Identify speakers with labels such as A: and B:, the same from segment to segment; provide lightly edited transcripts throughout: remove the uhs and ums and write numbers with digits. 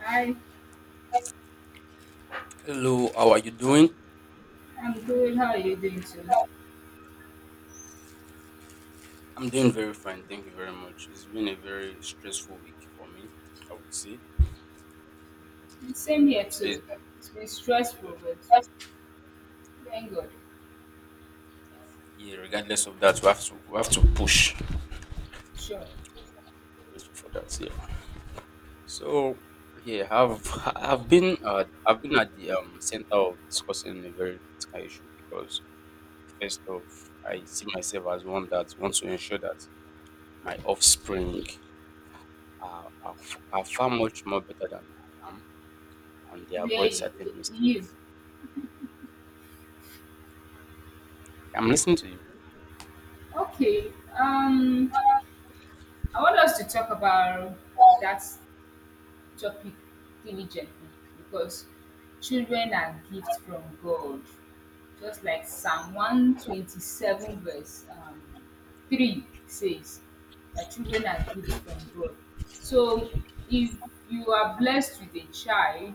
A: Hi,
B: Hello, how are you doing?
A: I'm good. How are you doing too?
B: I'm doing very fine, thank you very much. It's been a very stressful week for me, I would say.
A: Same
B: Yeah,
A: here
B: today is
A: too. It's been stressful, but thank God.
B: yeah. Regardless of that, we have to push
A: Sure.
B: for that. Yeah. So yeah, I've I've been I've been at the center of discussing a very critical issue because first off, I see myself as one that wants to ensure that my offspring are far much more better than I am, and they
A: Where are
B: avoid
A: you?
B: certain
A: you?
B: mistakes. I'm listening to you.
A: Okay. Um, I want us to talk about that topic diligently because children are gifts from God. Just like Psalm 127, verse 3 says that children are gifts from God. So if you are blessed with a child,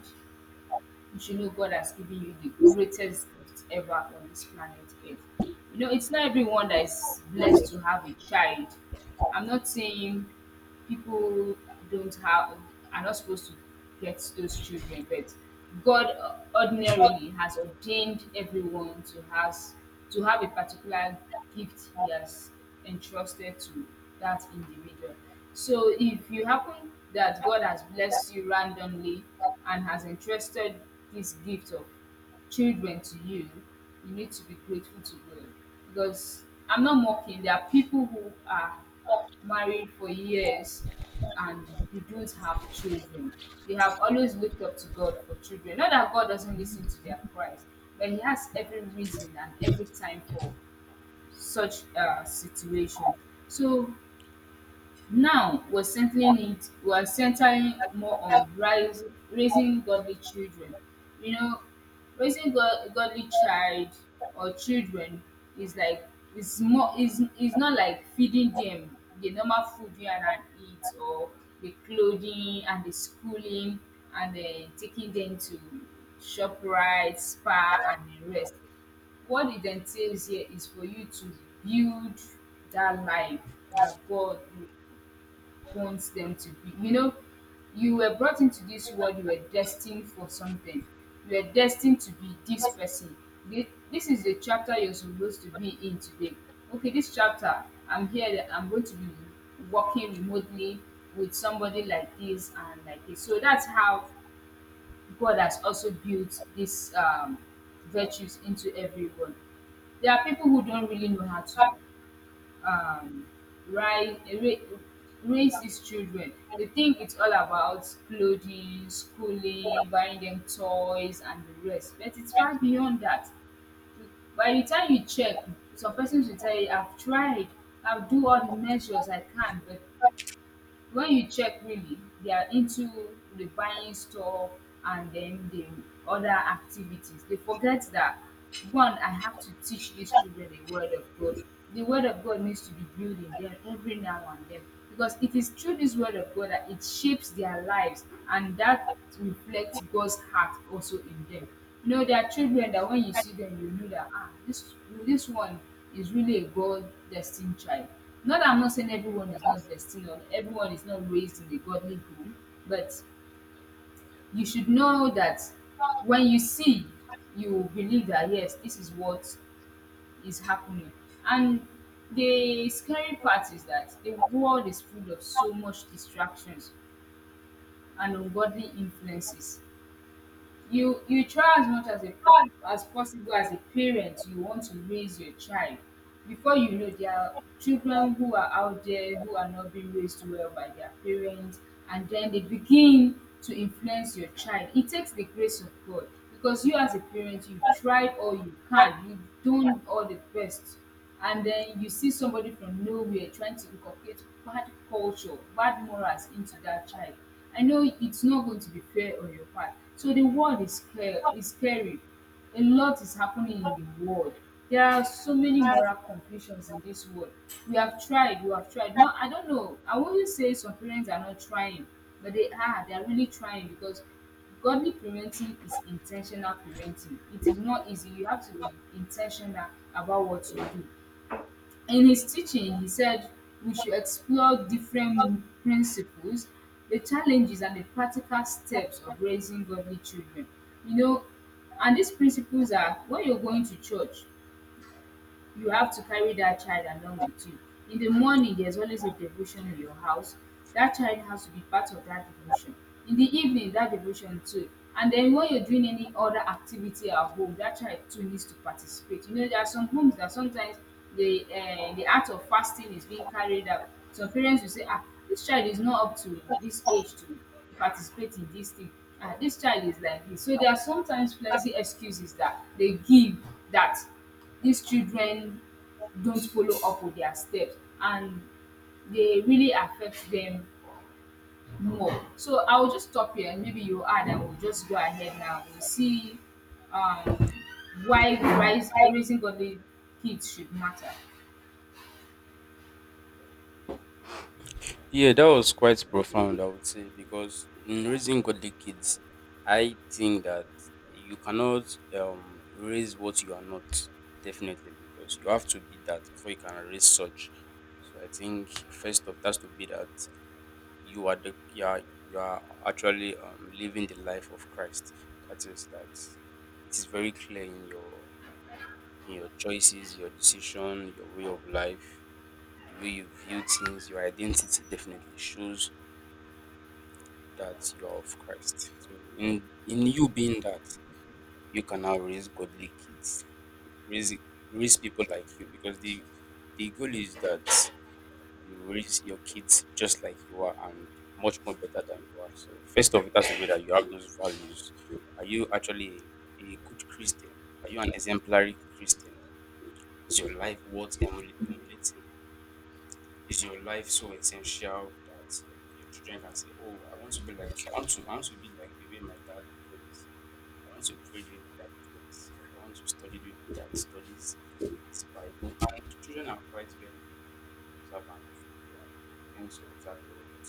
A: you should know God has given you the greatest gift ever on this planet Earth. You know, it's not everyone that is blessed to have a child. I'm not saying people don't have are not supposed to get those children, but God ordinarily has ordained everyone to has to have a particular gift He has entrusted to that individual. So if you happen that God has blessed you randomly and has entrusted this gift of children to you, you need to be grateful to God. Because I'm not mocking, there are people who are married for years and they don't have children. They have always looked up to God for children. Not that God doesn't listen to their cries, but He has every reason and every time for such situation. So now we're centering it, we're centering more on rise, raising godly children. You know, raising godly child or children is like it's more is not like feeding them the normal food you and I eat or the clothing and the schooling and then taking them to shop right, spa and the rest. What it entails here is for you to build that life that God will wants them to be. You know, you were brought into this world, you were destined for something. You were destined to be this person. This is the chapter you're supposed to be in today. Okay, this chapter, I'm here, that I'm going to be working remotely with somebody like this and like this. So that's how God has also built these virtues into everyone. There are people who don't really know how to um rise ra- raise these children. They think it's all about clothing, schooling, buying them toys and the rest, but it's far beyond that. By the time you check, some persons will tell you I've tried, I'll do all the measures I can, but when you check really, they are into the buying stuff and then the other activities. They forget that, one, I have to teach these children the word of God. The word of God needs to be built in them every now and then, because it is through this word of God that it shapes their lives and that reflects God's heart also in them. You know, there are children that when you see them, you know that, ah, this one is really a God destined child. Not that I'm not saying everyone is not destined or everyone is not raised in a godly home, but you should know that when you see, you believe that yes, this is what is happening. And the scary part is that the world is full of so much distractions and ungodly influences. You try as much as a as possible as a parent, you want to raise your child. Before you know, there are children who are out there who are not being raised well by their parents, and then they begin to influence your child. It takes the grace of God, because you as a parent, you tried all you can, you done all the best, and then you see somebody from nowhere trying to inculcate bad culture, bad morals into that child. I know it's not going to be fair on your part. So the world is scary. Is scary. A lot is happening in the world. There are so many moral confusions in this world. We have tried. We have tried. No, I don't know. I wouldn't say some parents are not trying, but they are. They are really trying because godly parenting is intentional parenting. It is not easy. You have to be intentional about what you do. In his teaching, he said we should explore different principles, the challenges, and the practical steps of raising godly children. You know, and these principles are when you're going to church, you have to carry that child along with you. In the morning, there's always a devotion in your house. That child has to be part of that devotion. In the evening, that devotion too. And then when you're doing any other activity at home, that child too needs to participate. You know, there are some homes that sometimes the act of fasting is being carried out. Some parents will say, ah, this child is not up to this age to participate in this thing. Ah, this child is like this. So there are sometimes plenty excuses that they give that these children don't follow up with their steps and they really affect them more. So I will just stop here and maybe you add and we'll just go ahead now. We'll see um, why rise, raising godly kids should matter.
B: Yeah, that was quite profound, I would say, because in raising godly kids, I think that you cannot raise what you are not, definitely, because you have to be that before you can raise such. So I think first of that's to be that you are actually living the life of Christ. That is that it is very clear in your choices, your decision, your way of life. The way you view things, your identity definitely shows that you're of Christ. So in you being that, you can now raise godly kids, raise raise people like you, because the goal is that you raise your kids just like you are and much more better than you are. So first of all, that's the way that you have those values. Are you actually a good Christian? Are you an exemplary Christian? Is your life worth emulating? Is your life so essential that your children can say, "Oh, I want to be like the way my dad prays. I want to pray the way my dad prays. I want to study the way my dad studies this Bible." And children are quite very observant. They tend to observe a whole lot.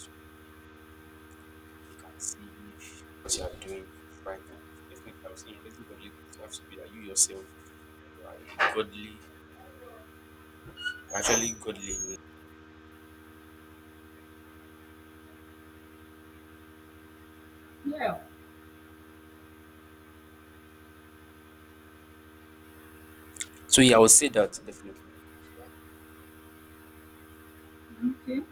B: They can see if what you are doing is right. So definitely, I was saying raising godly kids, you have to be that you yourself you are a godly, actually godly.
A: Yeah.
B: So yeah, I would say that definitely.
A: Okay.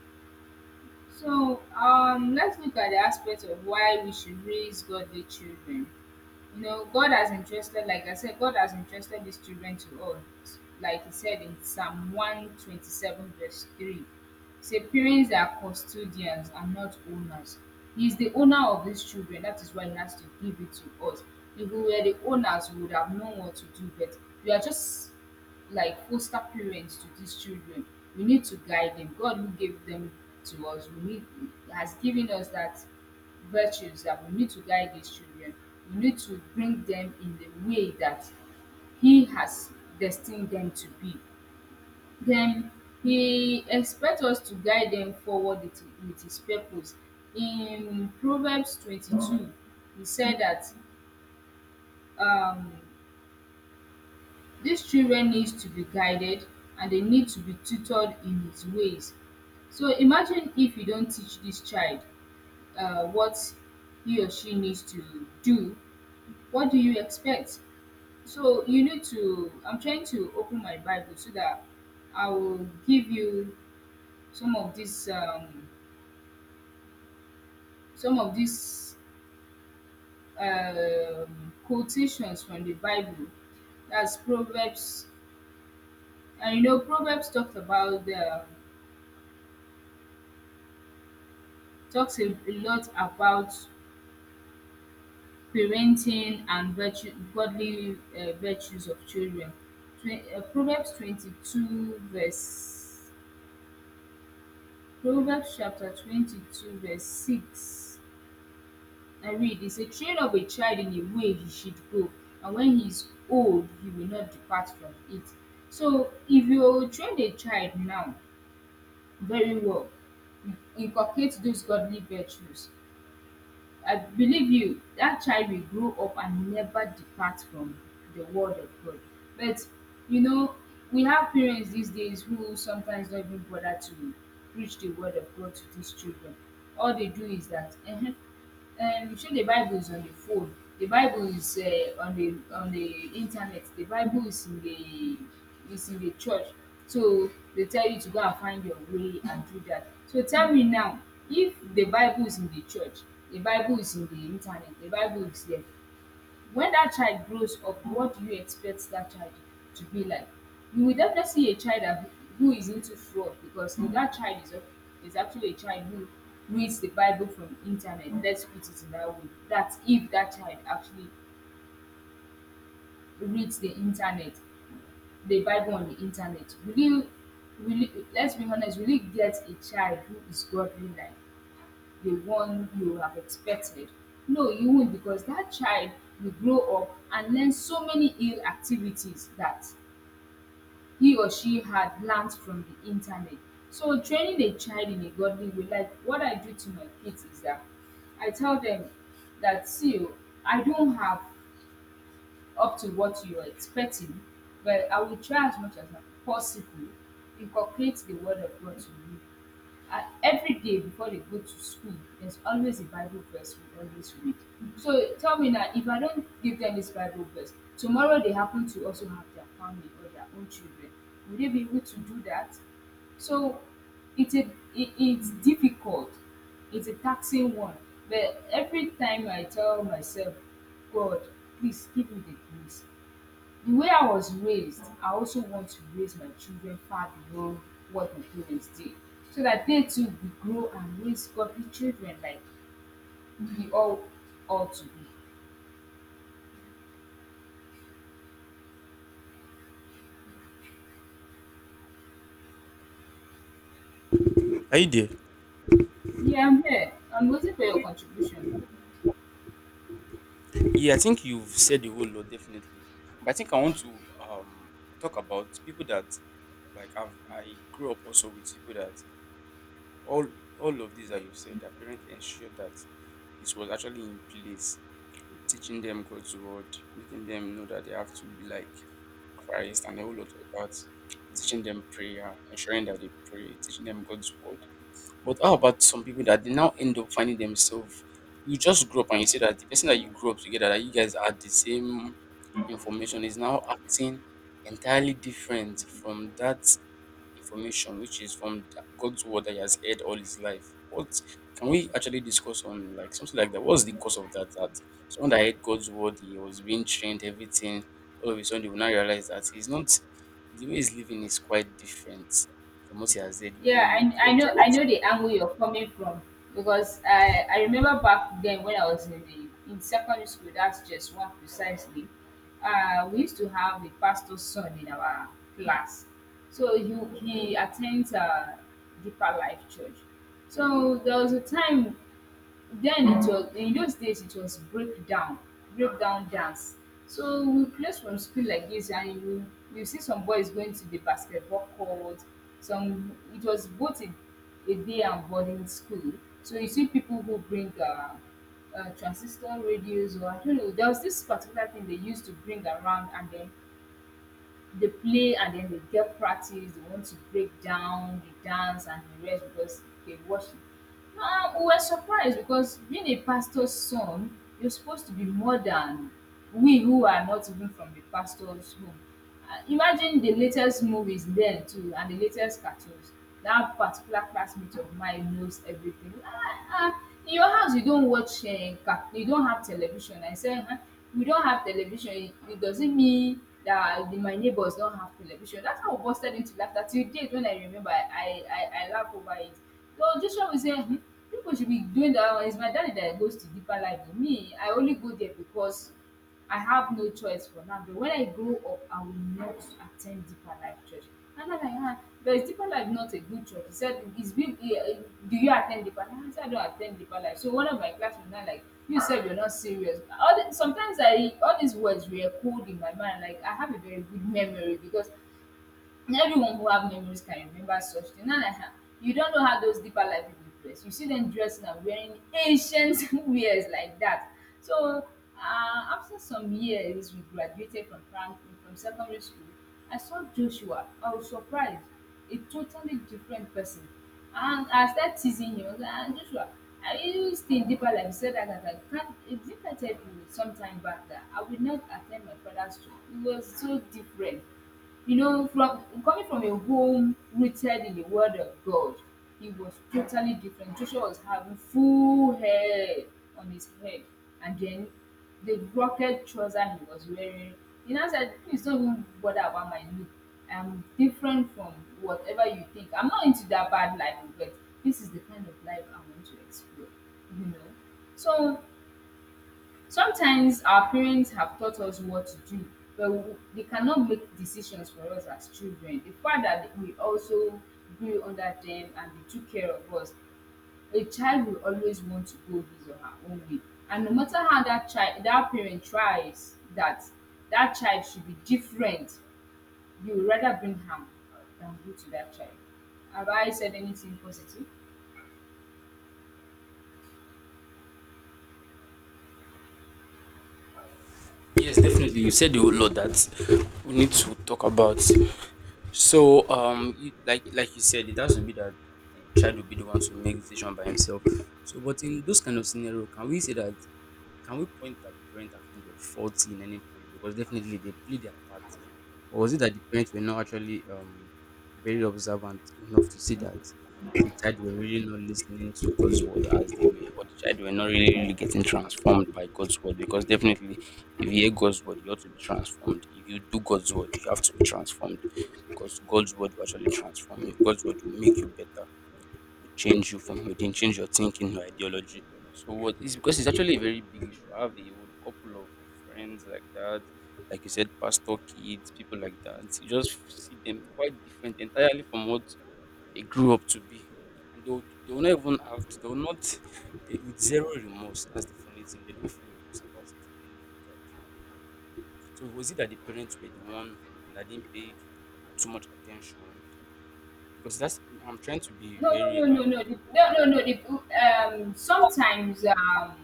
A: So let's look at the aspect of why we should raise godly children. You know, God has entrusted, like I said, God has entrusted these children to us. Like he said in Psalm 127, verse 3. Say, parents are custodians and not owners. He is the owner of these children. That is why he has to give it to us. If we were the owners, we would have known what to do, but we are just like foster parents to these children. We need to guide them. God who gave them to us, we need has given us that virtues that we need to guide these children. We need to bring them in the way that He has destined them to be. Then He expects us to guide them forward with His purpose. In Proverbs 22, He said that um, these children needs to be guided and they need to be tutored in his ways. So imagine if you don't teach this child what he or she needs to do, what do you expect? So you need to I'm trying to open my Bible so that I will give you some of these um some of these quotations from the Bible. That's Proverbs, and you know Proverbs talked about the. Talks a lot about parenting and virtue, godly virtues of children. Proverbs 22, verse Proverbs chapter 22, verse 6. I read, It's a train of a child in a way he should go, and when he is old, he will not depart from it. So, if you train a child now very well, inculcate those godly virtues, I believe you, that child will grow up and never depart from the word of God. But you know, we have parents these days who sometimes don't even bother to preach the word of God to these children. All they do is that show the Bible is on the phone, the Bible is on the internet, the Bible is in the church. So they tell you to go and find your way and do that. So tell me now, if the Bible is in the church, the Bible is in the internet, the Bible is there, when that child grows up, what do you expect that child to be like? You will definitely see a child that who is into fraud, because that child is actually a child who reads the Bible from internet, let's put it in that way. That's if that child actually reads the internet the Bible on the internet, will you, let's be honest, will you get a child who is godly like the one you have expected? No, you won't, because that child will grow up and learn so many ill activities that he or she had learned from the internet. So, training a child in a godly way, like what I do to my kids, is that I tell them that, see, oh, I don't have up to what you're expecting, but I will try as much as possible incorporate the word of God to me. I, every day before they go to school, there's always a Bible verse we always read. So tell me now, if I don't give them this Bible verse, tomorrow they happen to also have their family or their own children, will they be able to do that? So it's a, it's difficult, it's a taxing one, but every time I tell myself, God, please give me the grace. The way I was raised, I also want to raise my children far below what my parents did, so that they too will grow and raise godly children like we all ought to be.
B: Are you there?
A: Yeah, I'm here. I'm waiting for your contribution.
B: Yeah, I think you've said the whole lot definitely. But I think I want to talk about people that I grew up also with people that all all of these that you've said, their parents ensured that it was actually in place, teaching them God's word, making them know that they have to be like Christ and a whole lot of that, teaching them prayer, ensuring that they pray, teaching them God's word. But how about some people that they now end up finding themselves? You just grew up and you see that the person that you grew up together, that you guys had the same information, is now acting entirely different from that information, which is from God's word that he has heard all his life. What can we actually discuss on like something like that? What's the cause of that? That someone that heard God's word, he was being trained, everything. All of a sudden, they will now realize that he's not the way he's living is quite different from what he has heard
A: Yeah,
B: growing up.
A: I
B: What
A: know I know the angle you're coming from because I remember back then when I was in the in secondary school. That's just one precisely. We used to have a pastor's son in our class. So he attends Deeper Life Church. So there was a time, then it was in those days it was breakdown dance, so we close from school like this and you see some boys going to the basketball court. Some, it was both a day and boarding school, so you see people who bring transistor radios, or I don't know there was this particular thing they used to bring around, and then they play and then they get practice. They want to break down, they dance and the rest because they worship. Now we were surprised because being a pastor's son, you're supposed to be more than we who are not even from the pastor's home. Imagine the latest movies then too and the latest cartoons. That particular classmate of mine knows everything. "Ah, in your house you don't watch car you don't have television?" I said, "We don't have television. It does not mean that the my neighbours don't have television?" That's how we busted into laughter. Till date when I remember, I laugh over it. So just show me sey people should be doing that. It's my daddy that goes to deeper life than me. I only go there because I have no choice for now. But when I grow up, I will not attend deeper life church. And I'm like, "Ah, but is deeper life not a good church?" He said, "Is big, do you attend deeper life?" I said, "I don't attend deeper life." So one of my classmates now like, "You said you're not serious." All the, sometimes I all these words were cold in my mind. Like I have a very good memory because, and everyone who have memories can remember such thing. Now, like, "Ah, you don't know how those deeper life people dress. You see them dressing and wearing ancient wears like that." So, after some years, we graduated from from secondary school. I saw Joshua. I was surprised, a totally different person. And I started teasing him. I was like, "Ah, Joshua, are you still in deeper life?" He said that. I was like, "Can't, if I tell you sometime back that I would not attend my father's church," it was so different. You know, from coming from a home rooted in the word of God, he was totally different. Joshua was having full hair on his head, and then the rocket trouser he was wearing. He now said, "Please don't even bother about my look. I'm different from whatever you think. I'm not into that bad life, but this is the kind of life I want to explore." You know, so sometimes our parents have taught us what to do, but they cannot make decisions for us as children. The fact that we also grew under them and they took care of us, a child will always want to go his or her own way, and no matter how that child, that parent tries that that child should be different, you would rather bring harm than good to that child. Have I said anything positive?
B: yes, definitely. You said a whole lot that we need to talk about. So, you, like you said, it has to be that the child will be the one to make decision by himself. So, but in those kind of scenario, can we point that the parents are kind of faulty in any point? Because definitely they play their part. Or was it that the parents were not actually very observant enough to see that the child were really not listening to God's word as they were, or the child were not really, really getting transformed by God's word? Because definitely, if you hear God's word, you ought to be transformed. If you do God's word, you have to be transformed. Because God's word will actually transform you, God's word will make you better change you from within, change your thinking, your ideology. So what is because it's actually a very big issue. I have a whole couple of friends like that, like you said, pastor kids, people like that. You just see them quite different entirely from what they grew up to be. And they will not even have they will not they, with zero remorse. That's the funny thing. They don't feel remorse about it in any regard. So was it that the parents were the one that didn't pay too much attention because that's I'm trying to be
A: No, no, no,
B: very
A: no, no, no. Sometimes,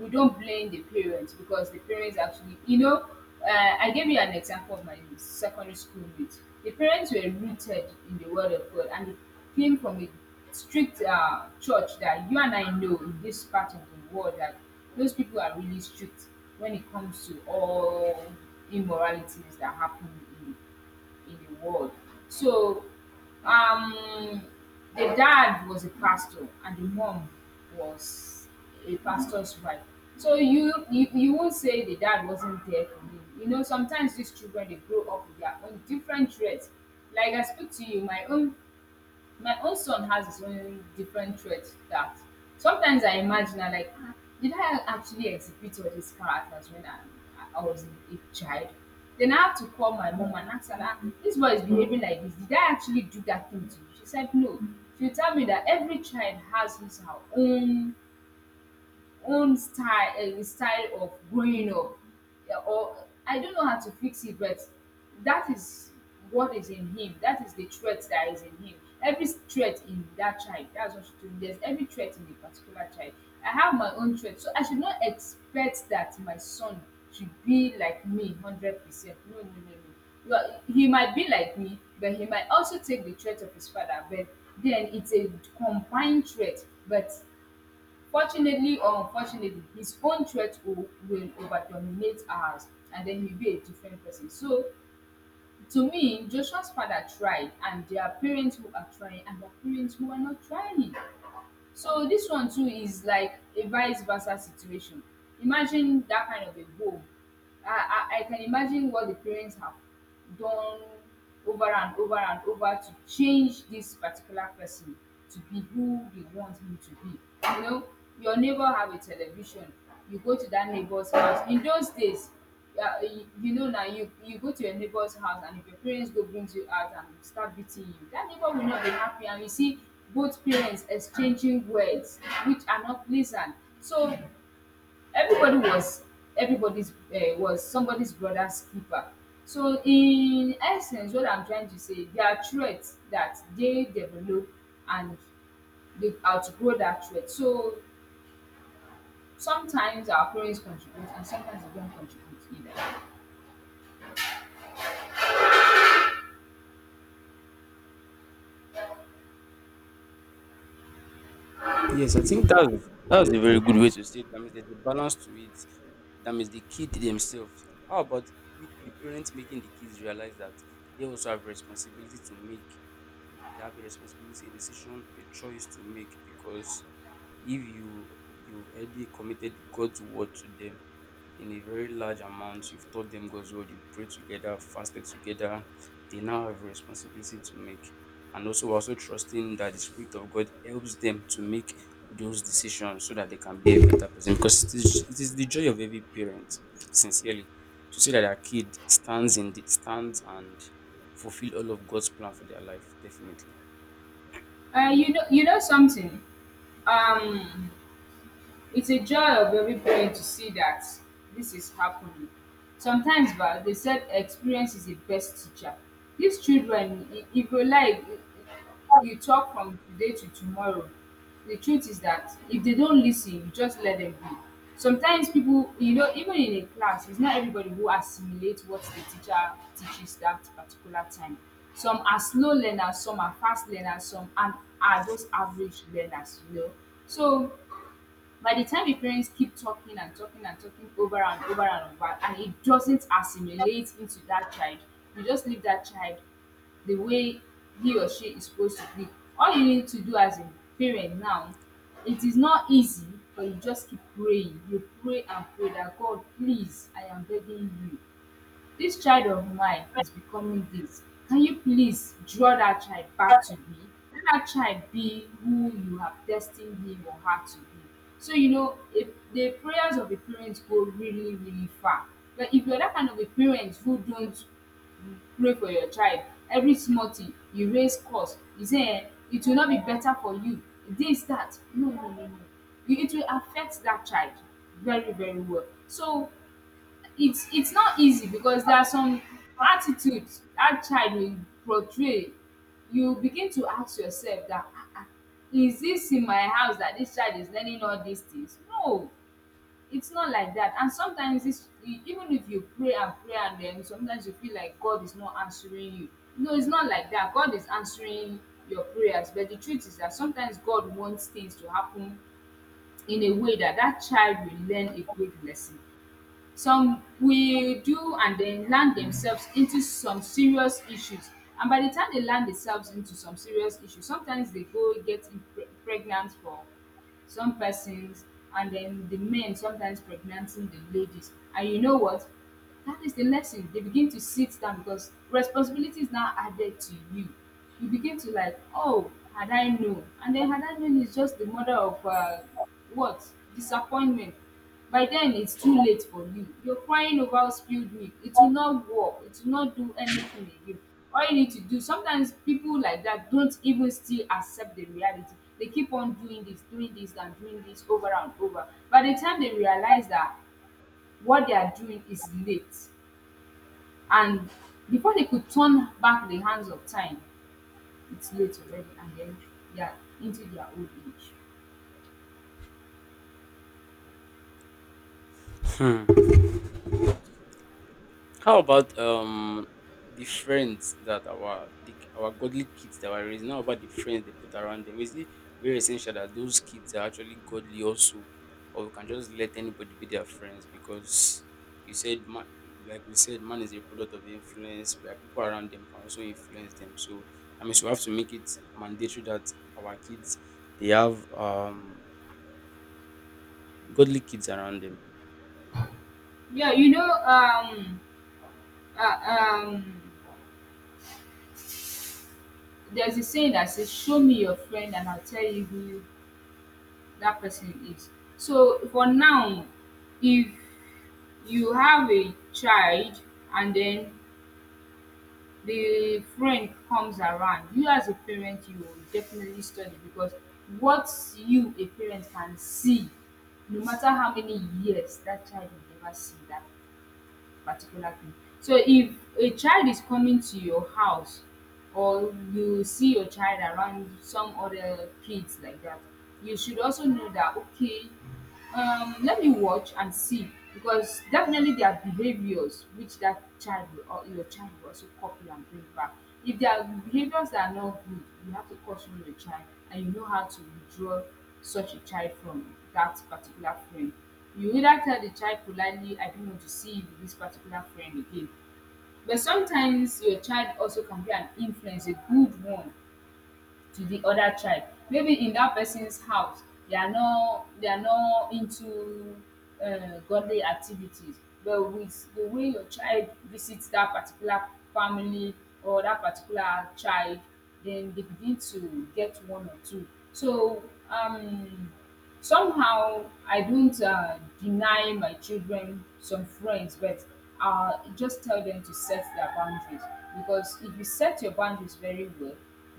A: we don't blame the parents because the parents actually, you know, I gave you an example of my secondary school mate. The parents were rooted in the word of God, and it came from a strict church that you and I know, in this part of the world, that those people are really strict when it comes to all immoralities that happen in the world. So, um the dad was a pastor and the mom was a pastor's wife. So you won't say the dad wasn't there for him. You know, sometimes these children they grow up with their own different traits. Like I speak to you, my own son has his own different traits that sometimes I imagine I'm like, "Ah, did I actually exhibit all these characters when I was a child?" Then I have to call my mom and ask her, "Ah, this boy is behaving like this. Did I actually do that thing to you?" She said, no. She tell me that every child has his her own style style of growing up, yeah, or I don't know how to fix it, but that is what is in him, that is the trait that is in him, every trait in that child. That's what she told me, there's every trait in the particular child. I have my own trait, so I should not expect that my son should be like me 100%. No no no no, well he might be like me, but he might also take the trait of his father, but then it's a combined trait. But fortunately or unfortunately, his own threat will overdominate ours, and then he'll be a different person. So to me, Joshua's father tried, and there are parents who are trying and there are parents who are not trying. So this one too is like a vice versa situation. Imagine that kind of a home. I, I can imagine what the parents have done over and over and over to change this particular person to be who they want him to be. You know, your neighbor have a television. You go to that neighbor's house. In those days, yeah, you know now, you go to your neighbor's house, and if your parents go brings you out and start beating you, that neighbor will not be happy, and you see both parents exchanging words which are not pleasant. So everybody was everybody's, was somebody's brother's keeper. So in essence, what I'm trying to say, there are threats that they develop and they outgrow that threat. So sometimes our parents contribute and sometimes they don't contribute either.
B: yes, I think that's a very good way to say it. That means there's a balance to it. That means the kid themselves. How about with the parents making the kids realize that they also have responsibility to make? They have a responsibility, a decision, a choice to make because if you you've already committed God's word to them, in a very large amount. You've taught them God's word, you prayed together, fasted together. They now have a responsibility to make. And also, we're also trusting that the Spirit of God helps them to make those decisions so that they can be a better person. Because it is the joy of every parent, sincerely, to see that their kid stands in the stands and fulfill all of God's plan for their life, definitely.
A: You know, you know something. Um, it's a joy of every parent to see that this is happening. Sometimes ba they said experience is the best teacher. These children e e go like you talk from today to tomorrow. The truth is that if they don't listen, you just let them be. Sometimes people, you know, even in a class, it's not everybody who assimilates what the teacher teaches that particular time. Some are slow learners, some are fast learners, some are just average learners, you know. So by the time the parents keep talking and talking and talking over and over and over and it doesn't assimilate into that child, you just leave that child the way he or she is supposed to be. All you need to do as a parent now, it is not easy, but you just keep praying. You pray and pray that, "God, please, I am begging you, this child of mine is becoming this. Can you please draw that child back to me? Let that child be who you have destined him or her to be." So you know, if the prayers of the parents go really really far. But if you're that kind of a parent who don't pray for your child, every small thing you raise curse, you say it will not be better for you, this, that, no no no no. It will affect that child very very well. So it's not easy because there are some attitudes that child will portray. You begin to ask yourself that, "Ah ah, is this in my house that this child is learning all these things?" No, it's not like that. And sometimes even if you pray and pray, and then sometimes you feel like God is not answering you. No, it's not like that. God is answering your prayers, but the truth is that sometimes God wants things to happen in a way that that child will learn a great lesson. Some will do and then land themselves into some serious issues. And by the time they land themselves into some serious issues, sometimes they go get pregnant for some persons, and then the men sometimes pregnanting the ladies. And you know what? That is the lesson. They begin to sit down because responsibility is now added to you. You begin to like, "Oh, had I known." And then had I known is just the mother of what? Disappointment. By then it's too late for you. You're crying over spilled milk. It will not work. It will not do anything again. All you need to do, sometimes people like that don't even still accept the reality. They keep on doing this and doing this over and over. By the time they realize that what they are doing is late and before they could turn back the hands of time, it's late already and then they are into their old age.
B: Hmm. How about the friends that our godly kids that were raising? How about the friends they put around them? Is it very essential that those kids are actually godly also, or we can just let anybody be their friends? Because you said, man, like we said, man is a product of influence. Where people around them can also influence them. So that means we have to make it mandatory that our kids they have godly kids around them.
A: Yeah, uh, um there's a saying that says, "Show me your friend, and I'll tell you who that person is." So for now, if you have a child and then the friend comes around, you as a parent, you will definitely study because what you a parent can see, no matter how many years that child will never see that particular thing. So if a child is coming to your house or you see your child around some other kids like that, you should also know that okay, let me watch and see because definitely there are behaviors which that child will, or your child will also copy and bring back. If there are behaviors that are not good, you have to caution the child and you know how to withdraw such a child from that particular friend. You either tell the child politely, I don't want to see you with this particular friend again. But sometimes your child also can be an influence, a good one to the other child. Maybe in that person's house they are not into godly activities, but with the way your child visits that particular family or that particular child, then they begin to get one or two. So um somehow, I don't deny my children some friends, but just tell them to set their boundaries. Because if you set your boundaries very well,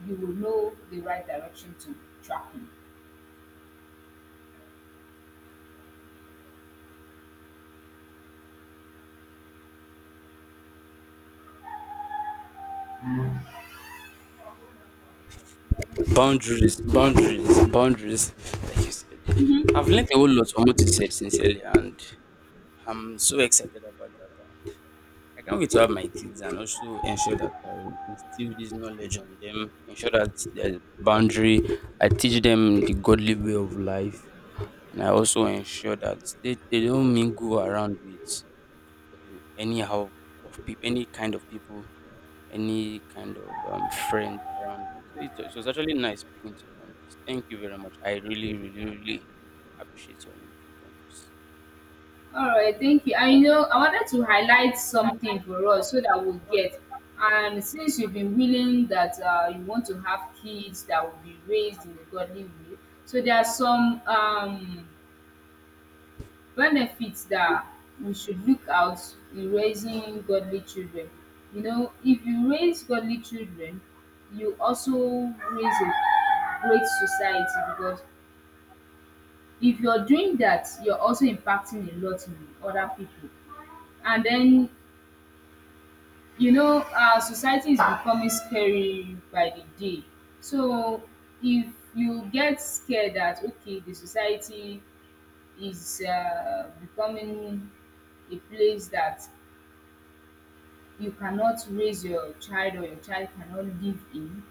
A: you will know the right direction to track in.
B: Boundaries, boundaries, boundaries. Like you said, I've learned a whole lot from what you said, sincerely, and I'm so excited about that. And I can't wait to have my kids and also ensure that I instill this knowledge on them, ensure that there's boundary, I teach them the godly way of life, and I also ensure that they don't mingle around with anyhow of people, any kind of friend around them. So it was actually nice speaking to you on this. Thank you very much. I really, really, really appreciate your input on this.
A: All right, thank you. I know I wanted to highlight something for us so that we'll get. And since you've been willing that you want to have kids that will be raised in a godly way, so there are some benefits that we should look out in raising godly children. You know, if you raise godly children, you also raise a great society because if you're doing that, you're also impacting a lot in other people. And then, you know, our society is becoming scary by the day. So if you get scared that, okay, the society is becoming a place that you cannot raise your child or your child cannot live in,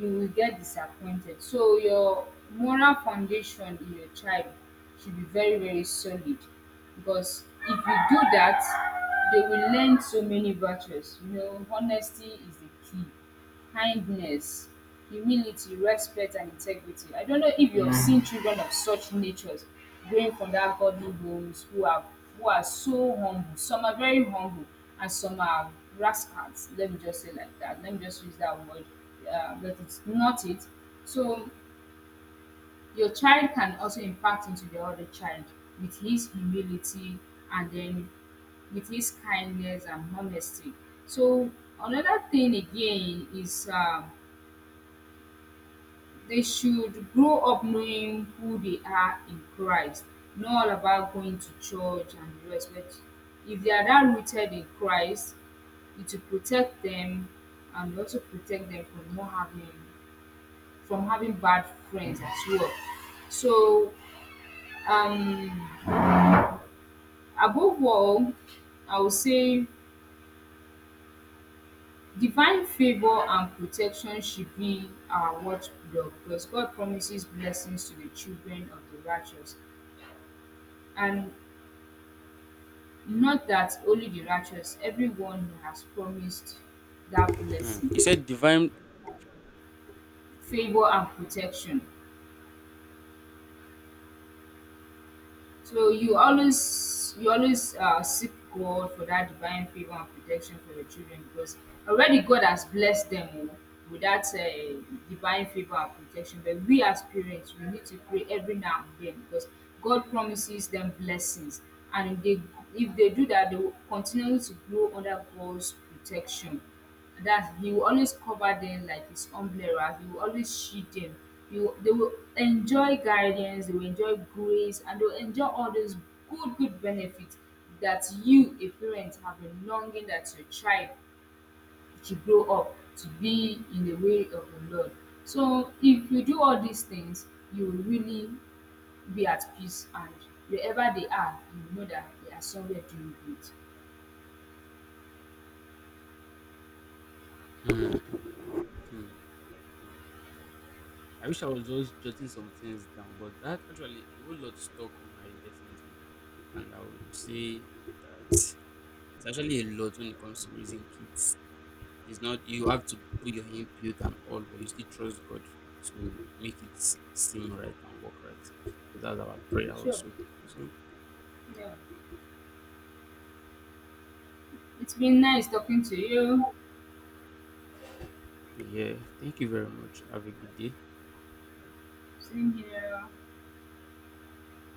A: you will get disappointed. So your moral foundation in your child should be very, very solid because if you do that, they will learn so many virtues. You know, honesty is the key, kindness, humility, respect, and integrity. I don't know if you have seen children of such natures growing from that godly homes who are so humble. Some are very humble and some are rascals. Let me just say like that. Let me just use that word, but it's not it. So your child can also impact into the other child with his humility and then with his kindness and honesty. So another thing again is, they should grow up knowing who they are in Christ, not all about going to church and the rest. But if they are not rooted in Christ, it will protect them and also protect them from what happening, from having bad friends as well. So, um, above all, I would say divine favor and protection should be our watchdog because God promises blessings to the children of the righteous. And not that only the righteous, everyone who has promised that
B: Hmm.
A: blessing,
B: He said divine.
A: favor, and protection. So you always seek God for that divine favor and protection for your children because already God has blessed them, oh, with that divine favor and protection. But we as parents, we need to pray every now and then because God promises them blessings, and if they do that, they will continue to grow under God's protection. That he will always cover them like his umbrella. He will always shield them. He will, they will enjoy guidance, they will enjoy grace, and they will enjoy all those good, good benefits that you, a parent, have been longing that your child should grow up to be in the way of the Lord. So if you do all these things, you will really be at peace and wherever they are, you know that they are somewhere doing good.
B: Hmm. Hmm. Hmm. I wish I was just jotting some things down, but that actually a whole lot stuck on my head definitely, and I would say that it's actually a lot when it comes to raising kids. It's not you have to put your input and all, but you still trust God to make seem right and work right. So that's our prayer
A: Sure.
B: also. So
A: Yeah. It's been nice talking to you.
B: yeah, thank you very much. Have a good day.
A: Same here.